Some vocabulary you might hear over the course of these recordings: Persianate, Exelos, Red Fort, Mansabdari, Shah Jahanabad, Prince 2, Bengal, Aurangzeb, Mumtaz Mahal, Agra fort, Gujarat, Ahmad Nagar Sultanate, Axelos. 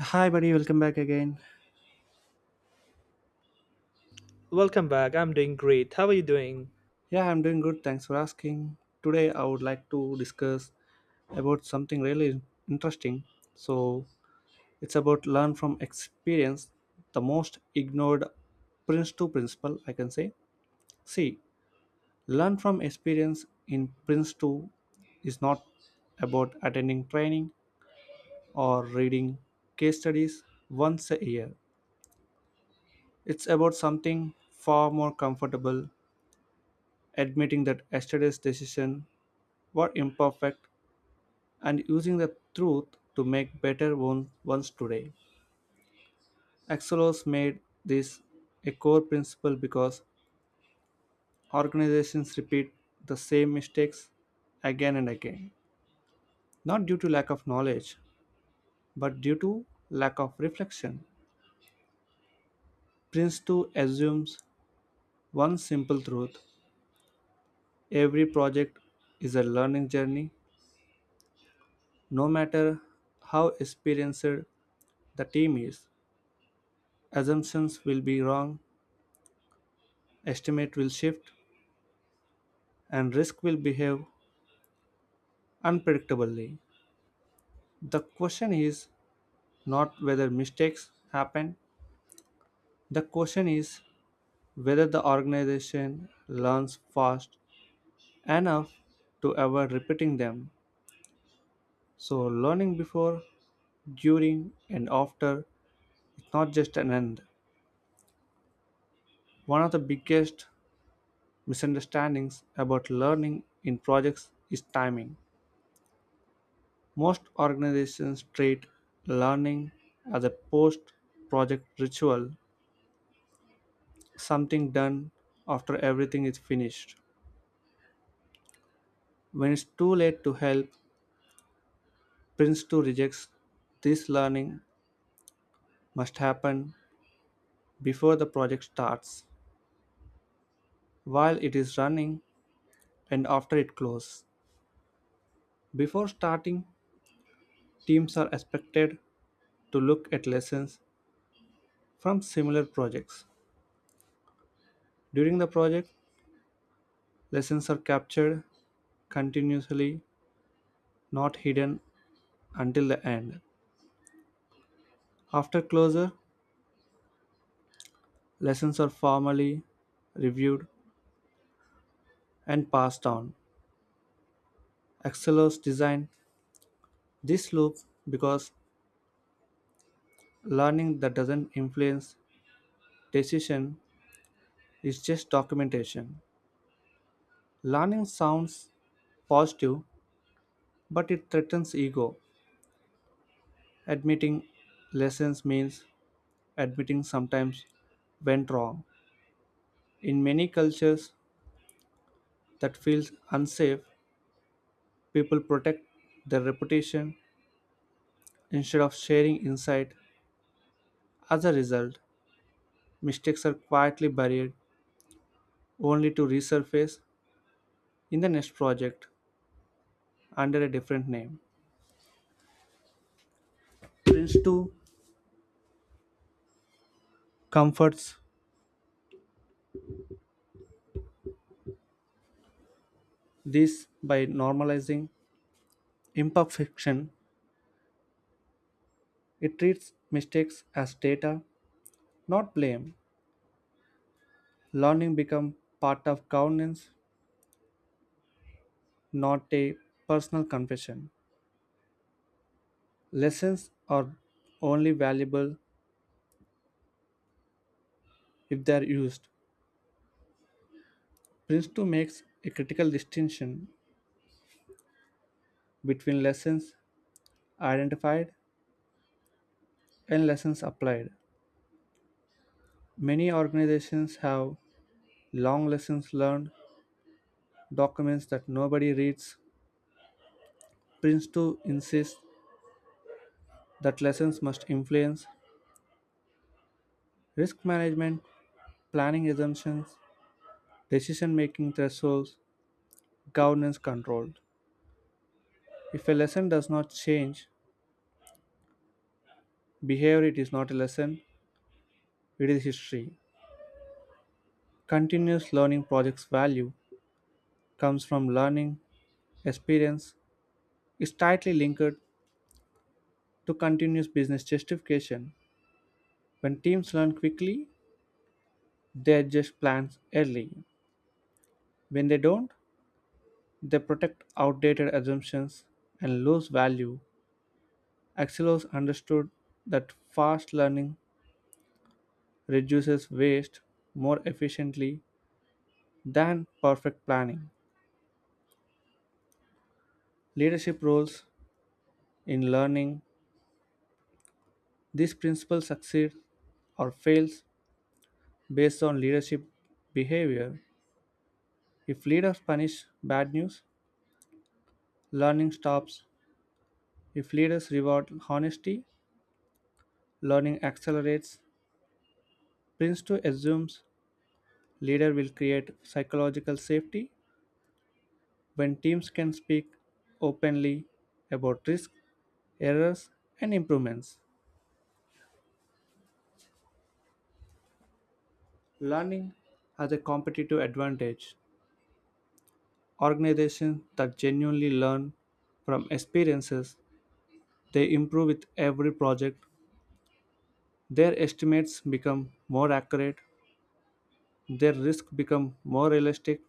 Hi, buddy, welcome back again. Welcome back. I'm doing great. How are you doing? Yeah, I'm doing good. Thanks for asking. Today, I would like to discuss about something really interesting. So, it's about learn from experience, the most ignored Prince 2 principle, I can say. See, learn from experience in Prince 2 is not about attending training or reading case studies once a year. It's about something far more comfortable, admitting that yesterday's decision were imperfect and using the truth to make better ones today. Axelos made this a core principle because organizations repeat the same mistakes again and again, not due to lack of knowledge, but due to lack of reflection. Prince 2 assumes one simple truth: every project is a learning journey, no matter how experienced the team is. Assumptions will be wrong, estimate will shift, and risk will behave unpredictably. The question is not whether mistakes happen, the question is whether the organization learns fast enough to avoid repeating them. So, learning before, during, and after is not just an end. One of the biggest misunderstandings about learning in projects is timing. Most organizations treat learning as a post project ritual, something done after everything is finished, when it's too late to help. Prince 2 rejects this: learning must happen before the project starts, while it is running, and after it closes. Before starting, teams are expected to look at lessons from similar projects. During the project, lessons are captured continuously, not hidden until the end. After closure, lessons are formally reviewed and passed on. Excel's design this loop because learning that doesn't influence decision is just documentation. Learning sounds positive, but it threatens ego. Admitting lessons means admitting sometimes went wrong. In many cultures that feels unsafe, people protect their reputation instead of sharing insight. As a result, mistakes are quietly buried only to resurface in the next project under a different name. Prince 2 comforts this by normalizing imperfection. It treats mistakes as data, not blame. Learning becomes part of governance, not a personal confession. Lessons are only valuable if they are used. Prince 2 makes a critical distinction between lessons identified and lessons applied. Many organizations have long lessons learned documents that nobody reads. Prince 2 insists that lessons must influence risk management, planning assumptions, decision making thresholds, governance control. If a lesson does not change behavior, it is not a lesson, it is history. Continuous learning projects value comes from learning, experience, is tightly linked to continuous business justification. When teams learn quickly, they adjust plans early. When they don't, they protect outdated assumptions and lose value. Axelos understood that fast learning reduces waste more efficiently than perfect planning. Leadership roles in learning, this principle succeeds or fails based on leadership behavior. If leaders punish bad news, learning stops. If leaders reward honesty, learning accelerates. Prince 2 assumes leader will create psychological safety when teams can speak openly about risks, errors, and improvements. Learning as a competitive advantage. Organizations that genuinely learn from experiences, they improve with every project. Their estimates become more accurate, their risk become more realistic,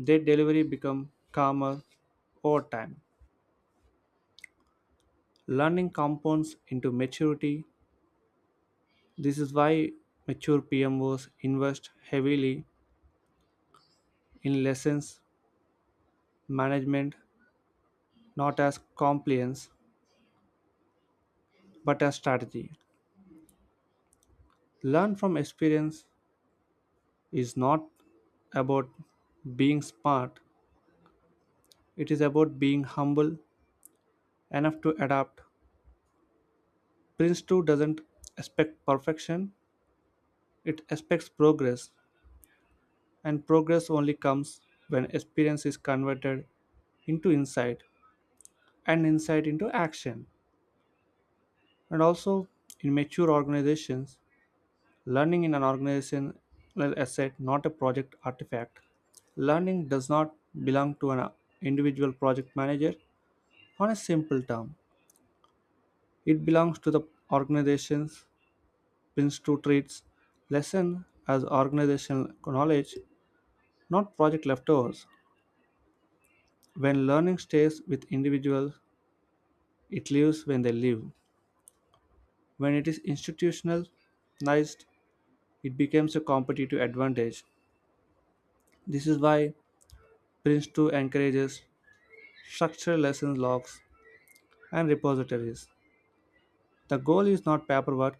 their delivery become calmer over time. Learning compounds into maturity. This is why mature PMOs invest heavily in lessons management, not as compliance but as strategy. Learn from experience is not about being smart, it is about being humble enough to adapt. Prince 2 doesn't expect perfection, it expects progress, and progress only comes when experience is converted into insight and insight into action. And also, in mature organizations, learning in an organizational asset, not a project artifact. Learning does not belong to an individual project manager on a simple term. It belongs to the organization's. Prince 2 treats lesson as organizational knowledge, not project leftovers. When learning stays with individuals, it lives when they live. When it is institutionalized, it becomes a competitive advantage. This is why Prince 2 encourages structured lesson logs and repositories. The goal is not paperwork,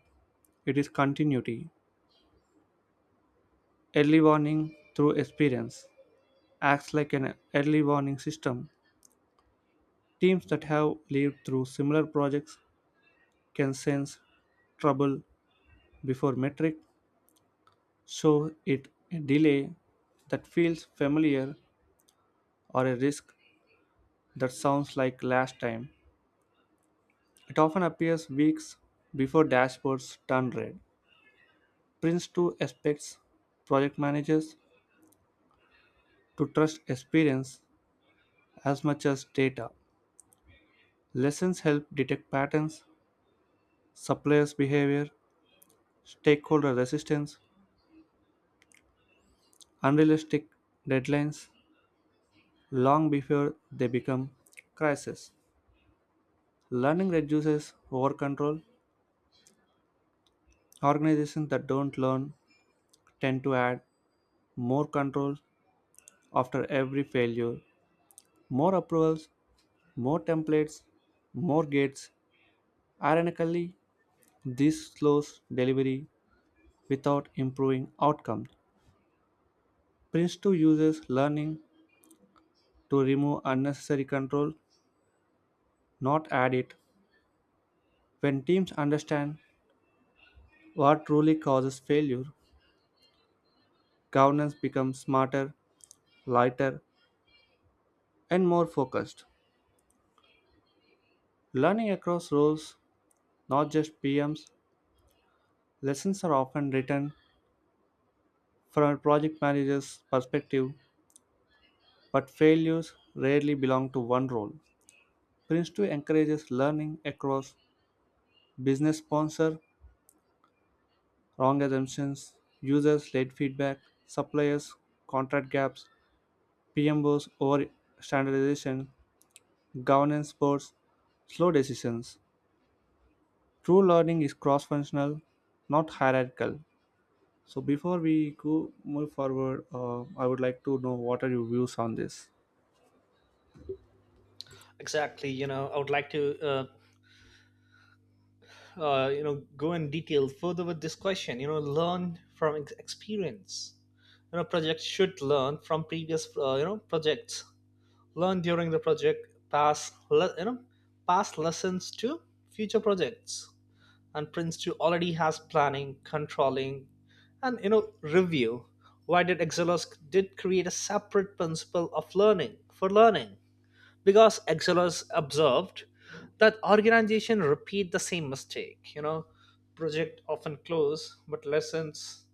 it is continuity. Early warning through experience acts like an early warning system. Teams that have lived through similar projects can sense trouble before metric, show it a delay that feels familiar or a risk that sounds like last time. It often appears weeks before dashboards turn red. Prince 2 expects project managers to trust experience as much as data, lessons help detect patterns, suppliers' behavior, stakeholder resistance, unrealistic deadlines long before they become crises. Learning reduces over control. Organizations that don't learn tend to add more control after every failure, more approvals, more templates, more gates. Ironically, this slows delivery without improving outcomes. Prince 2 uses learning to remove unnecessary control, not add it. When teams understand what truly causes failure, governance becomes smarter, lighter, and more focused. Learning across roles, not just PMs, lessons are often written from a project manager's perspective, but failures rarely belong to one role. Prince 2 encourages learning across business sponsor, wrong assumptions, users led feedback, suppliers contract gaps, PMOs over standardization, governance boards, slow decisions. True learning is cross functional, not hierarchical. So, before we go move forward, I would like to know what are your views on this? Exactly. I would like to, go in detail further with this question. Learn from experience. Projects should learn from previous, projects. Learn during the project, pass, le- you know, pass lessons to future projects. And Prince 2 already has planning, controlling, and review. Why did Exelos did create a separate principle of learning for learning? Because Exelos observed that organizations repeat the same mistake. Project often close, but lessons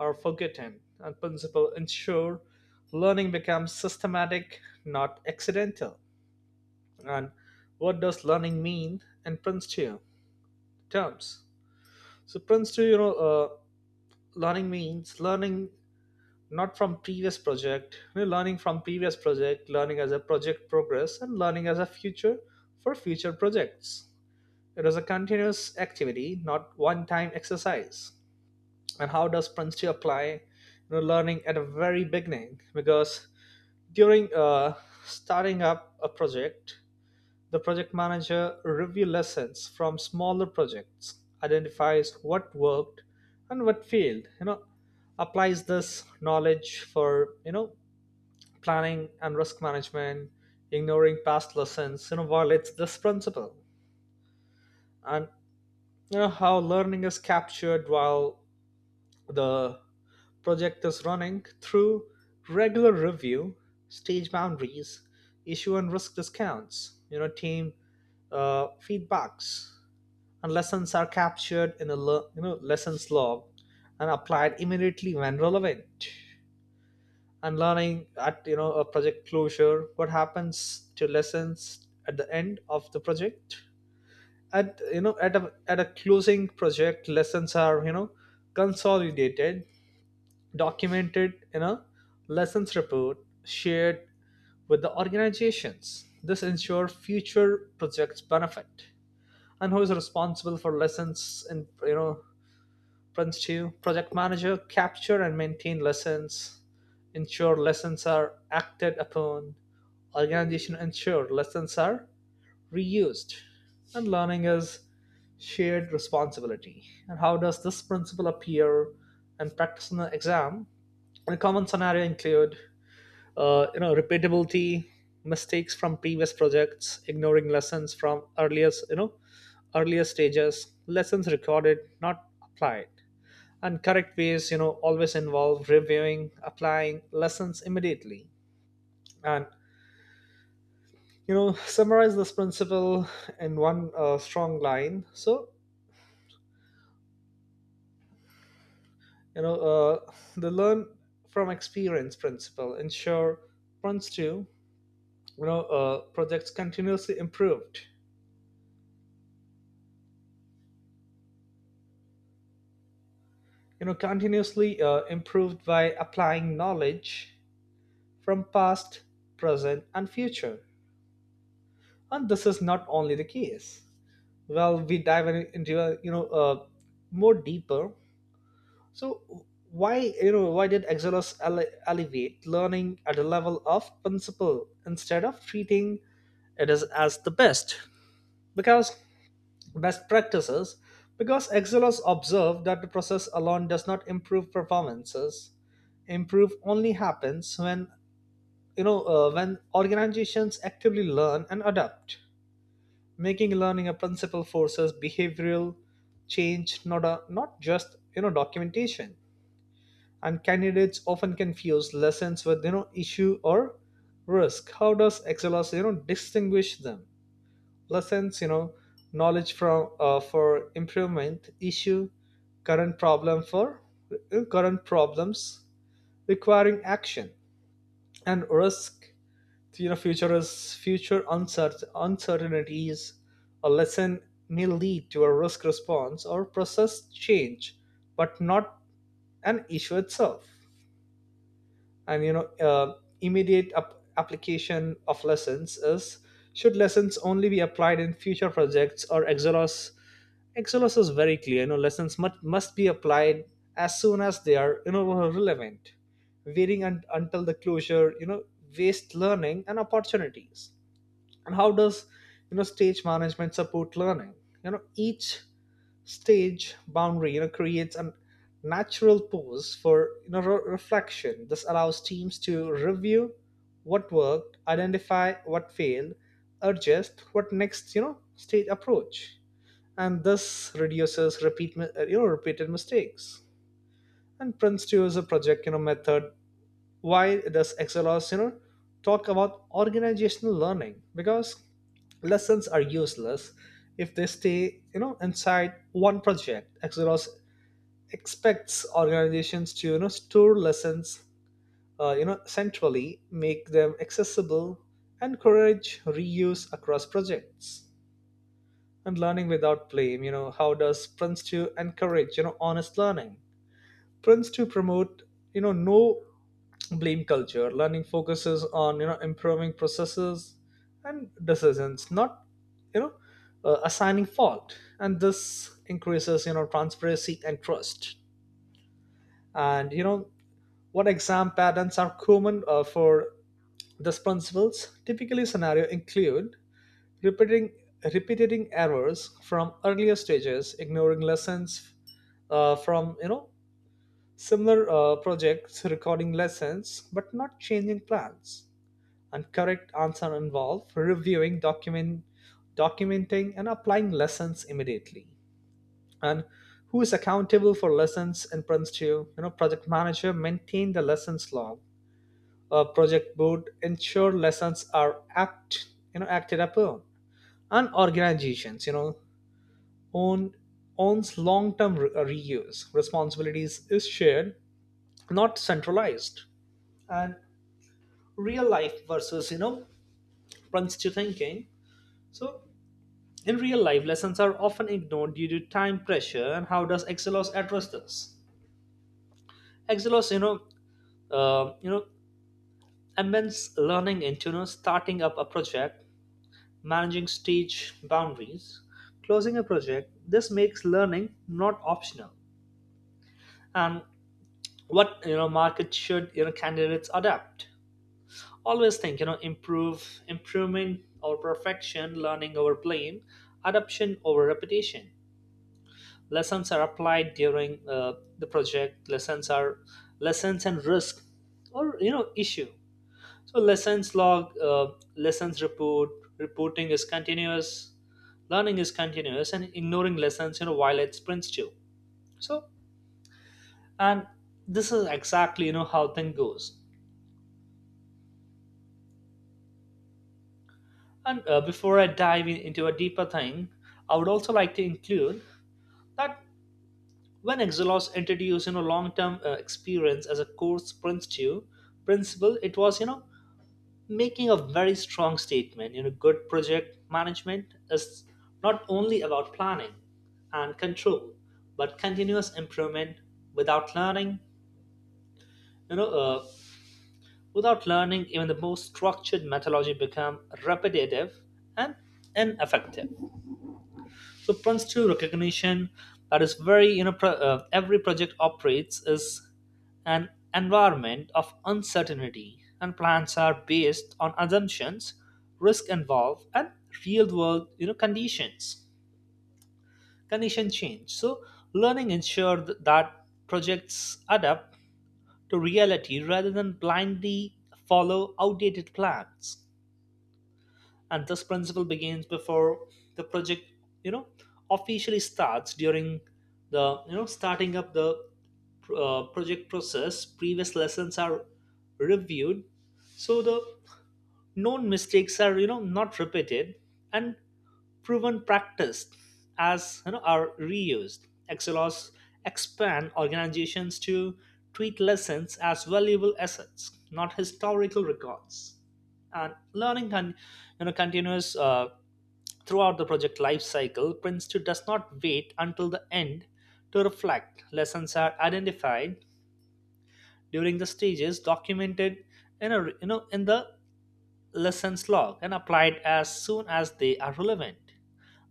are forgotten, and principle ensure learning becomes systematic, not accidental. And what does learning mean in Prince 2 terms? So Prince 2, learning means learning not from previous project, learning from previous project, learning as a project progress, and learning as a future for future projects. It is a continuous activity, not one time exercise. And how does prince two apply, learning at a very beginning? Because during starting up a project, the project manager review lessons from smaller projects, identifies what worked and what failed, applies this knowledge for planning and risk management. Ignoring past lessons, violates this principle. And you know How learning is captured while the project is running? Through regular review, stage boundaries, issue and risk discounts, team feedbacks, and lessons are captured in a lessons log and applied immediately when relevant. And learning at a project closure, what happens to lessons at the end of the project? At you know at a at a closing project, lessons are consolidated, documented in a lessons report, shared with the organizations. This ensures future projects benefit. And who is responsible for lessons in Prince 2? Project manager, capture and maintain lessons, ensure lessons are acted upon, organization ensure lessons are reused, and learning is shared responsibility. And how does this principle appear in practice in the exam? And a common scenario include, repeatability, mistakes from previous projects, ignoring lessons from earlier stages, lessons recorded, not applied, and correct ways always involve reviewing, applying lessons immediately. And summarize this principle in one strong line. So you know uh, the learn from experience principle ensure runs to projects continuously improved you know continuously improved by applying knowledge from past, present, and future. And this is not only the case. Well, we dive into more deeper. So, why why did exodus elevate learning at a level of principle instead of treating it as, the best? Because best practices. Because exodus observed that the process alone does not improve performances. Improve only happens when you know when organizations actively learn and adapt. Making learning a principal forces behavioral change, not just documentation. And candidates often confuse lessons with issue or risk. How does Excelos distinguish them? Lessons, knowledge from for improvement. Issue, current problem for current problems requiring action. And risk, future uncertain uncertainties. A lesson may lead to a risk response or process change, but not an issue itself. And immediate application of lessons is: should lessons only be applied in future projects? Or exelos is very clear, lessons must be applied as soon as they are relevant. Waiting until the closure, waste learning and opportunities. And how does stage management support learning? Each stage boundary creates a natural pause for reflection. This allows teams to review what worked, identify what failed, adjust what next, stage approach. And this reduces repeated mistakes. And Prince 2 is a project, method. Why does Exelos, talk about organizational learning? Because lessons are useless if they stay, inside one project. Exelos expects organizations to, store lessons, centrally, make them accessible, encourage reuse across projects. And learning without blame, how does Prince 2 encourage, honest learning? Prince to promote, no blame culture. Learning focuses on improving processes and decisions, not you know assigning fault. And this increases transparency and trust. And what exam patterns are common for these principles? Typically scenario include repeating repeating errors from earlier stages, ignoring lessons from similar projects, recording lessons but not changing plans. And correct answer involve documenting, and applying lessons immediately. And who is accountable for lessons in Prince 2? You know, project manager maintain the lessons log. Project board ensure lessons are acted upon. And organizations, own owns long-term reuse. Responsibilities is shared, not centralized. And real life versus Prince 2 thinking. So, in real life, lessons are often ignored due to time pressure. And how does Excelos address this? Excelos, uh, you know, immense learning into starting up a project, managing stage boundaries, closing a project. This makes learning not optional. And what market should candidates adapt? Always think improvement over perfection, learning over playing, adoption over repetition. Lessons are applied during the project. Lessons and risk or issue. So lessons log, lessons report, reporting is continuous, learning is continuous, and ignoring lessons violates principle. So, and this is exactly how thing goes. And before I dive into a deeper thing, I would also like to include that when Exelos introduced long-term experience as a course principle, it was making a very strong statement. You know, good project management is not only about planning and control, but continuous improvement. Without learning, you know, uh, Without learning, even the most structured methodology become repetitive and ineffective. So principle recognition that is very every project operates is an environment of uncertainty, and plans are based on assumptions, risk involved, and real world, conditions. Condition change. So learning that projects adapt to reality rather than blindly follow outdated plans. And this principle begins before the project you know officially starts. During the, starting up the project process, previous lessons are reviewed, so the known mistakes are not repeated, and proven practice, are reused. XLRs expand organizations to treat lessons as valuable assets, not historical records. And learning can, continues throughout the project life cycle. Prince 2 does not wait until the end to reflect. Lessons are identified during the stages, documented in a, in the lessons log, and applied as soon as they are relevant.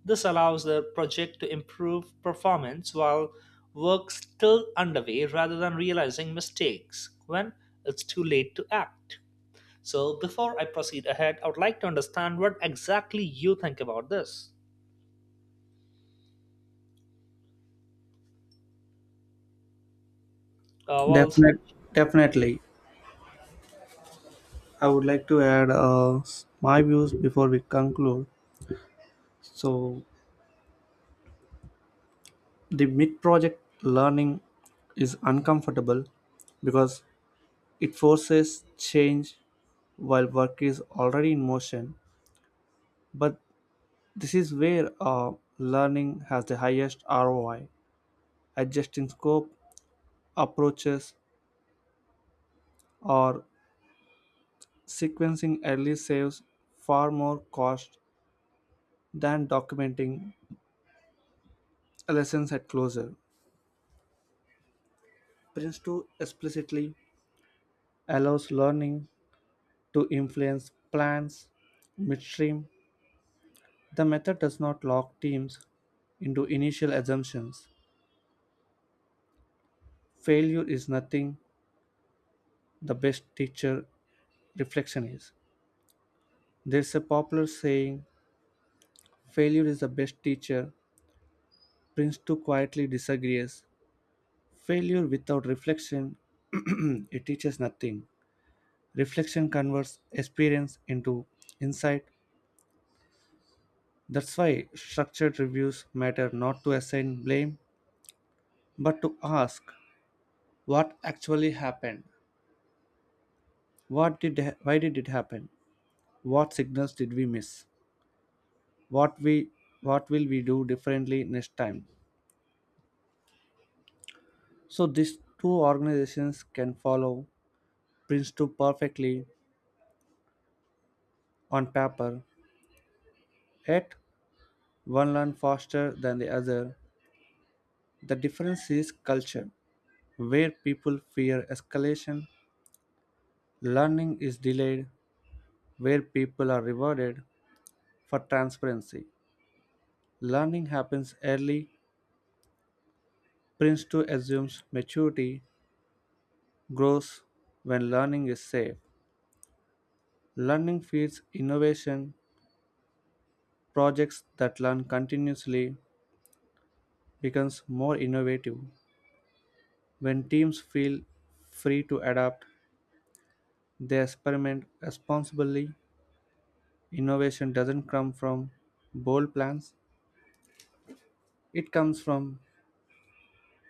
This allows the project to improve performance while work still underway, rather than realizing mistakes when it's too late to act. So, before I proceed ahead, I would like to understand what exactly you think about this. Well, Definite, Satish, definitely. I would like to add my views before we conclude. So, the mid project learning is uncomfortable because it forces change while work is already in motion, but this is where learning has the highest ROI. Adjusting scope, approaches, or sequencing early saves far more cost than documenting lessons at closure. Prince 2 explicitly allows learning to influence plans midstream. The method does not lock teams into initial assumptions. Failure is nothing, the best teacher reflection is. There's a popular saying, failure is the best teacher. Prince too quietly disagrees. Failure without reflection, it teaches nothing. Reflection converts experience into insight. That's why structured reviews matter, not to assign blame, but to ask what actually happened. What did why did it happen? What signals did we miss? What we what will we do differently next time? So these two organizations can follow Princeton perfectly on paper, yet one learns faster than the other. The difference is culture. Where people fear escalation, learning is delayed. Where people are rewarded for transparency, learning happens early. Princeton assumes maturity grows when learning is safe. Learning feeds innovation. Projects that learn continuously becomes more innovative. When teams feel free to adapt, they experiment responsibly. Innovation doesn't come from bold plans, it comes from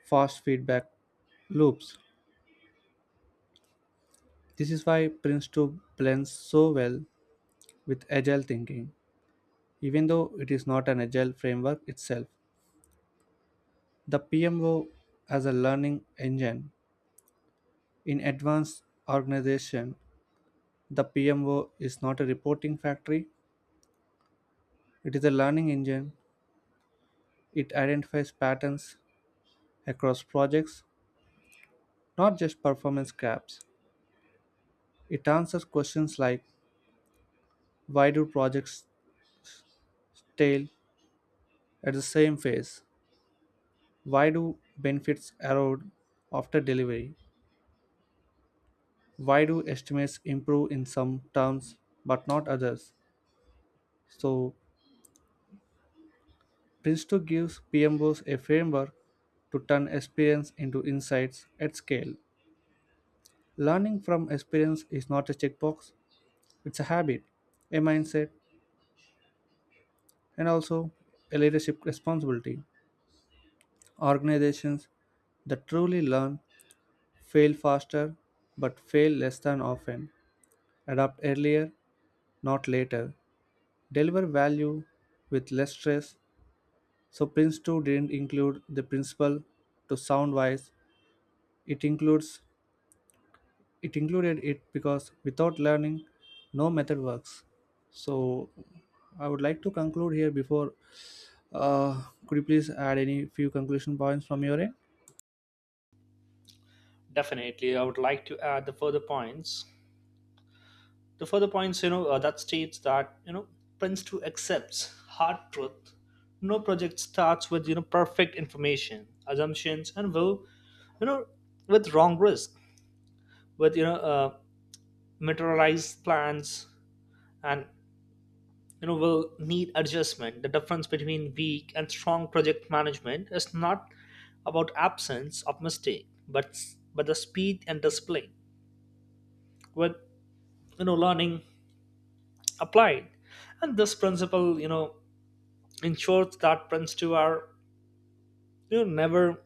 fast feedback loops. This is why Prince 2 blends so well with agile thinking, even though it is not an agile framework itself. The PMO as a learning engine. In advanced organization, the PMO is not a reporting factory, it is a learning engine. It identifies patterns across projects, not just performance gaps. It answers questions like: why do projects stall at the same phase? Why do benefits erode after delivery? Why do estimates improve in some terms but not others? So, Prince 2 gives PMBOs a framework to turn experience into insights at scale. Learning from experience is not a checkbox, it's a habit, a mindset, and also a leadership responsibility. Organizations that truly learn fail faster but fail less than often, adapt earlier, not later, deliver value with less stress. So, Prince 2 didn't include the principle to sound wise, it includes it included it because without learning, no method works. So, I would like to conclude here before. Uh, could you please add any few conclusion points from your end? definitely, I would like to add the further points. That states that, Prince 2 accepts hard truth. No project starts with, perfect information, assumptions, and will, you know, with wrong risk, with meteorized plans, and will need adjustment. The difference between weak and strong project management is not about absence of mistake, but the speed and display with learning applied. And this principle ensures that prints 2 are never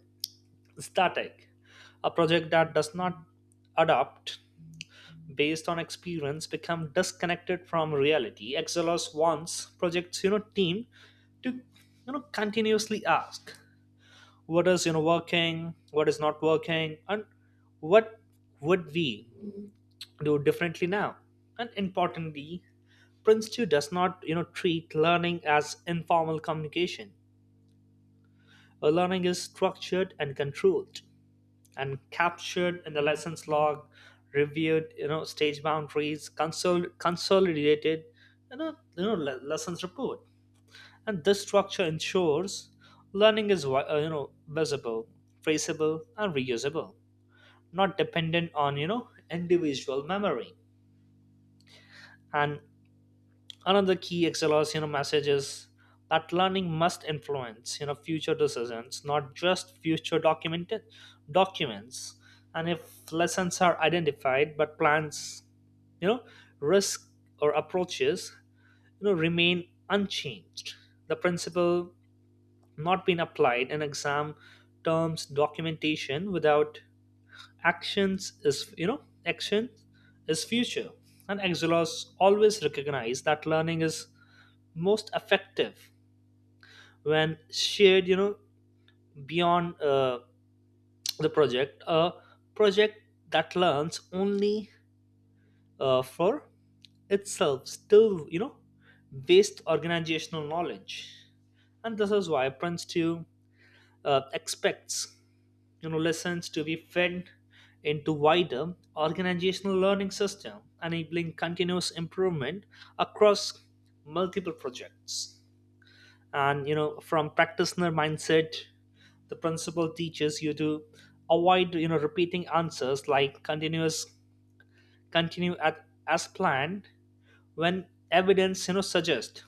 static. A project that does not adapt based on experience become disconnected from reality. Exelos wants projects, team to continuously ask what is, working, what is not working, and what would we do differently now. And importantly, prince 2 does not treat learning as informal communication. Learning is structured and controlled and captured in the lessons log, reviewed stage boundaries, consolidated lessons report. And this structure ensures learning is visible, traceable, and reusable, not dependent on individual memory. And another key xlr's message is that learning must influence future decisions, not just future documented documents. And if lessons are identified but plans, you know risk or approaches, remain unchanged, the principle not being applied in exam terms. Documentation without actions is you know action is future. And xlr's always recognize that learning is most effective when shared, beyond the project. A project that learns only for itself still based organizational knowledge. And this is why prince 2 expects lessons to be fed into wider organizational learning system, enabling continuous improvement across multiple projects. And from practitioner mindset, the principal teaches you to avoid repeating answers like continuous continue at as planned when evidence suggests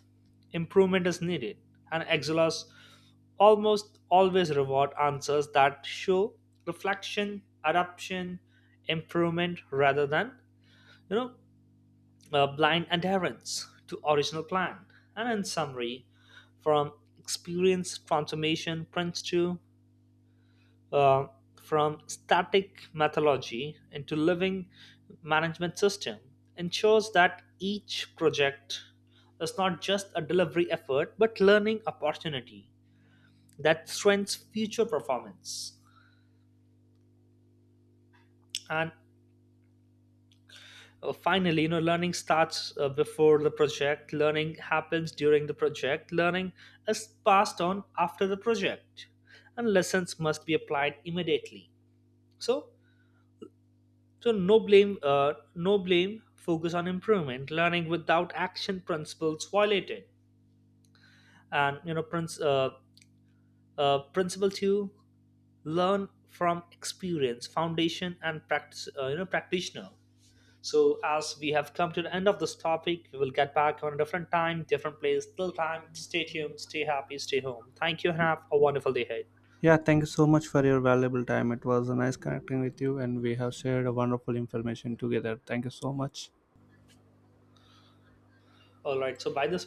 improvement is needed. And exilers almost always reward answers that show reflection, adaptation, improvement, rather than you know blind adherence to original plan. And in summary, from experience transformation, prints to uh, from static methodology into living management system, ensures that each project is not just a delivery effort but learning opportunity that strengthens future performance. And finally, learning starts before the project, learning happens during the project, learning is passed on after the project, and lessons must be applied immediately. So, so no blame, no blame. Focus on improvement. Learning without action, principles violated. And principle two: learn from experience, foundation, and practice. Practitioner. So as we have come to the end of this topic, we will get back on a different time, different place. Till time, stay tuned, stay happy, stay home. Thank you, and have a wonderful day ahead. Yeah, thank you so much for your valuable time. It was a nice connecting with you, and we have shared a wonderful information together. Thank you so much. All right. So by this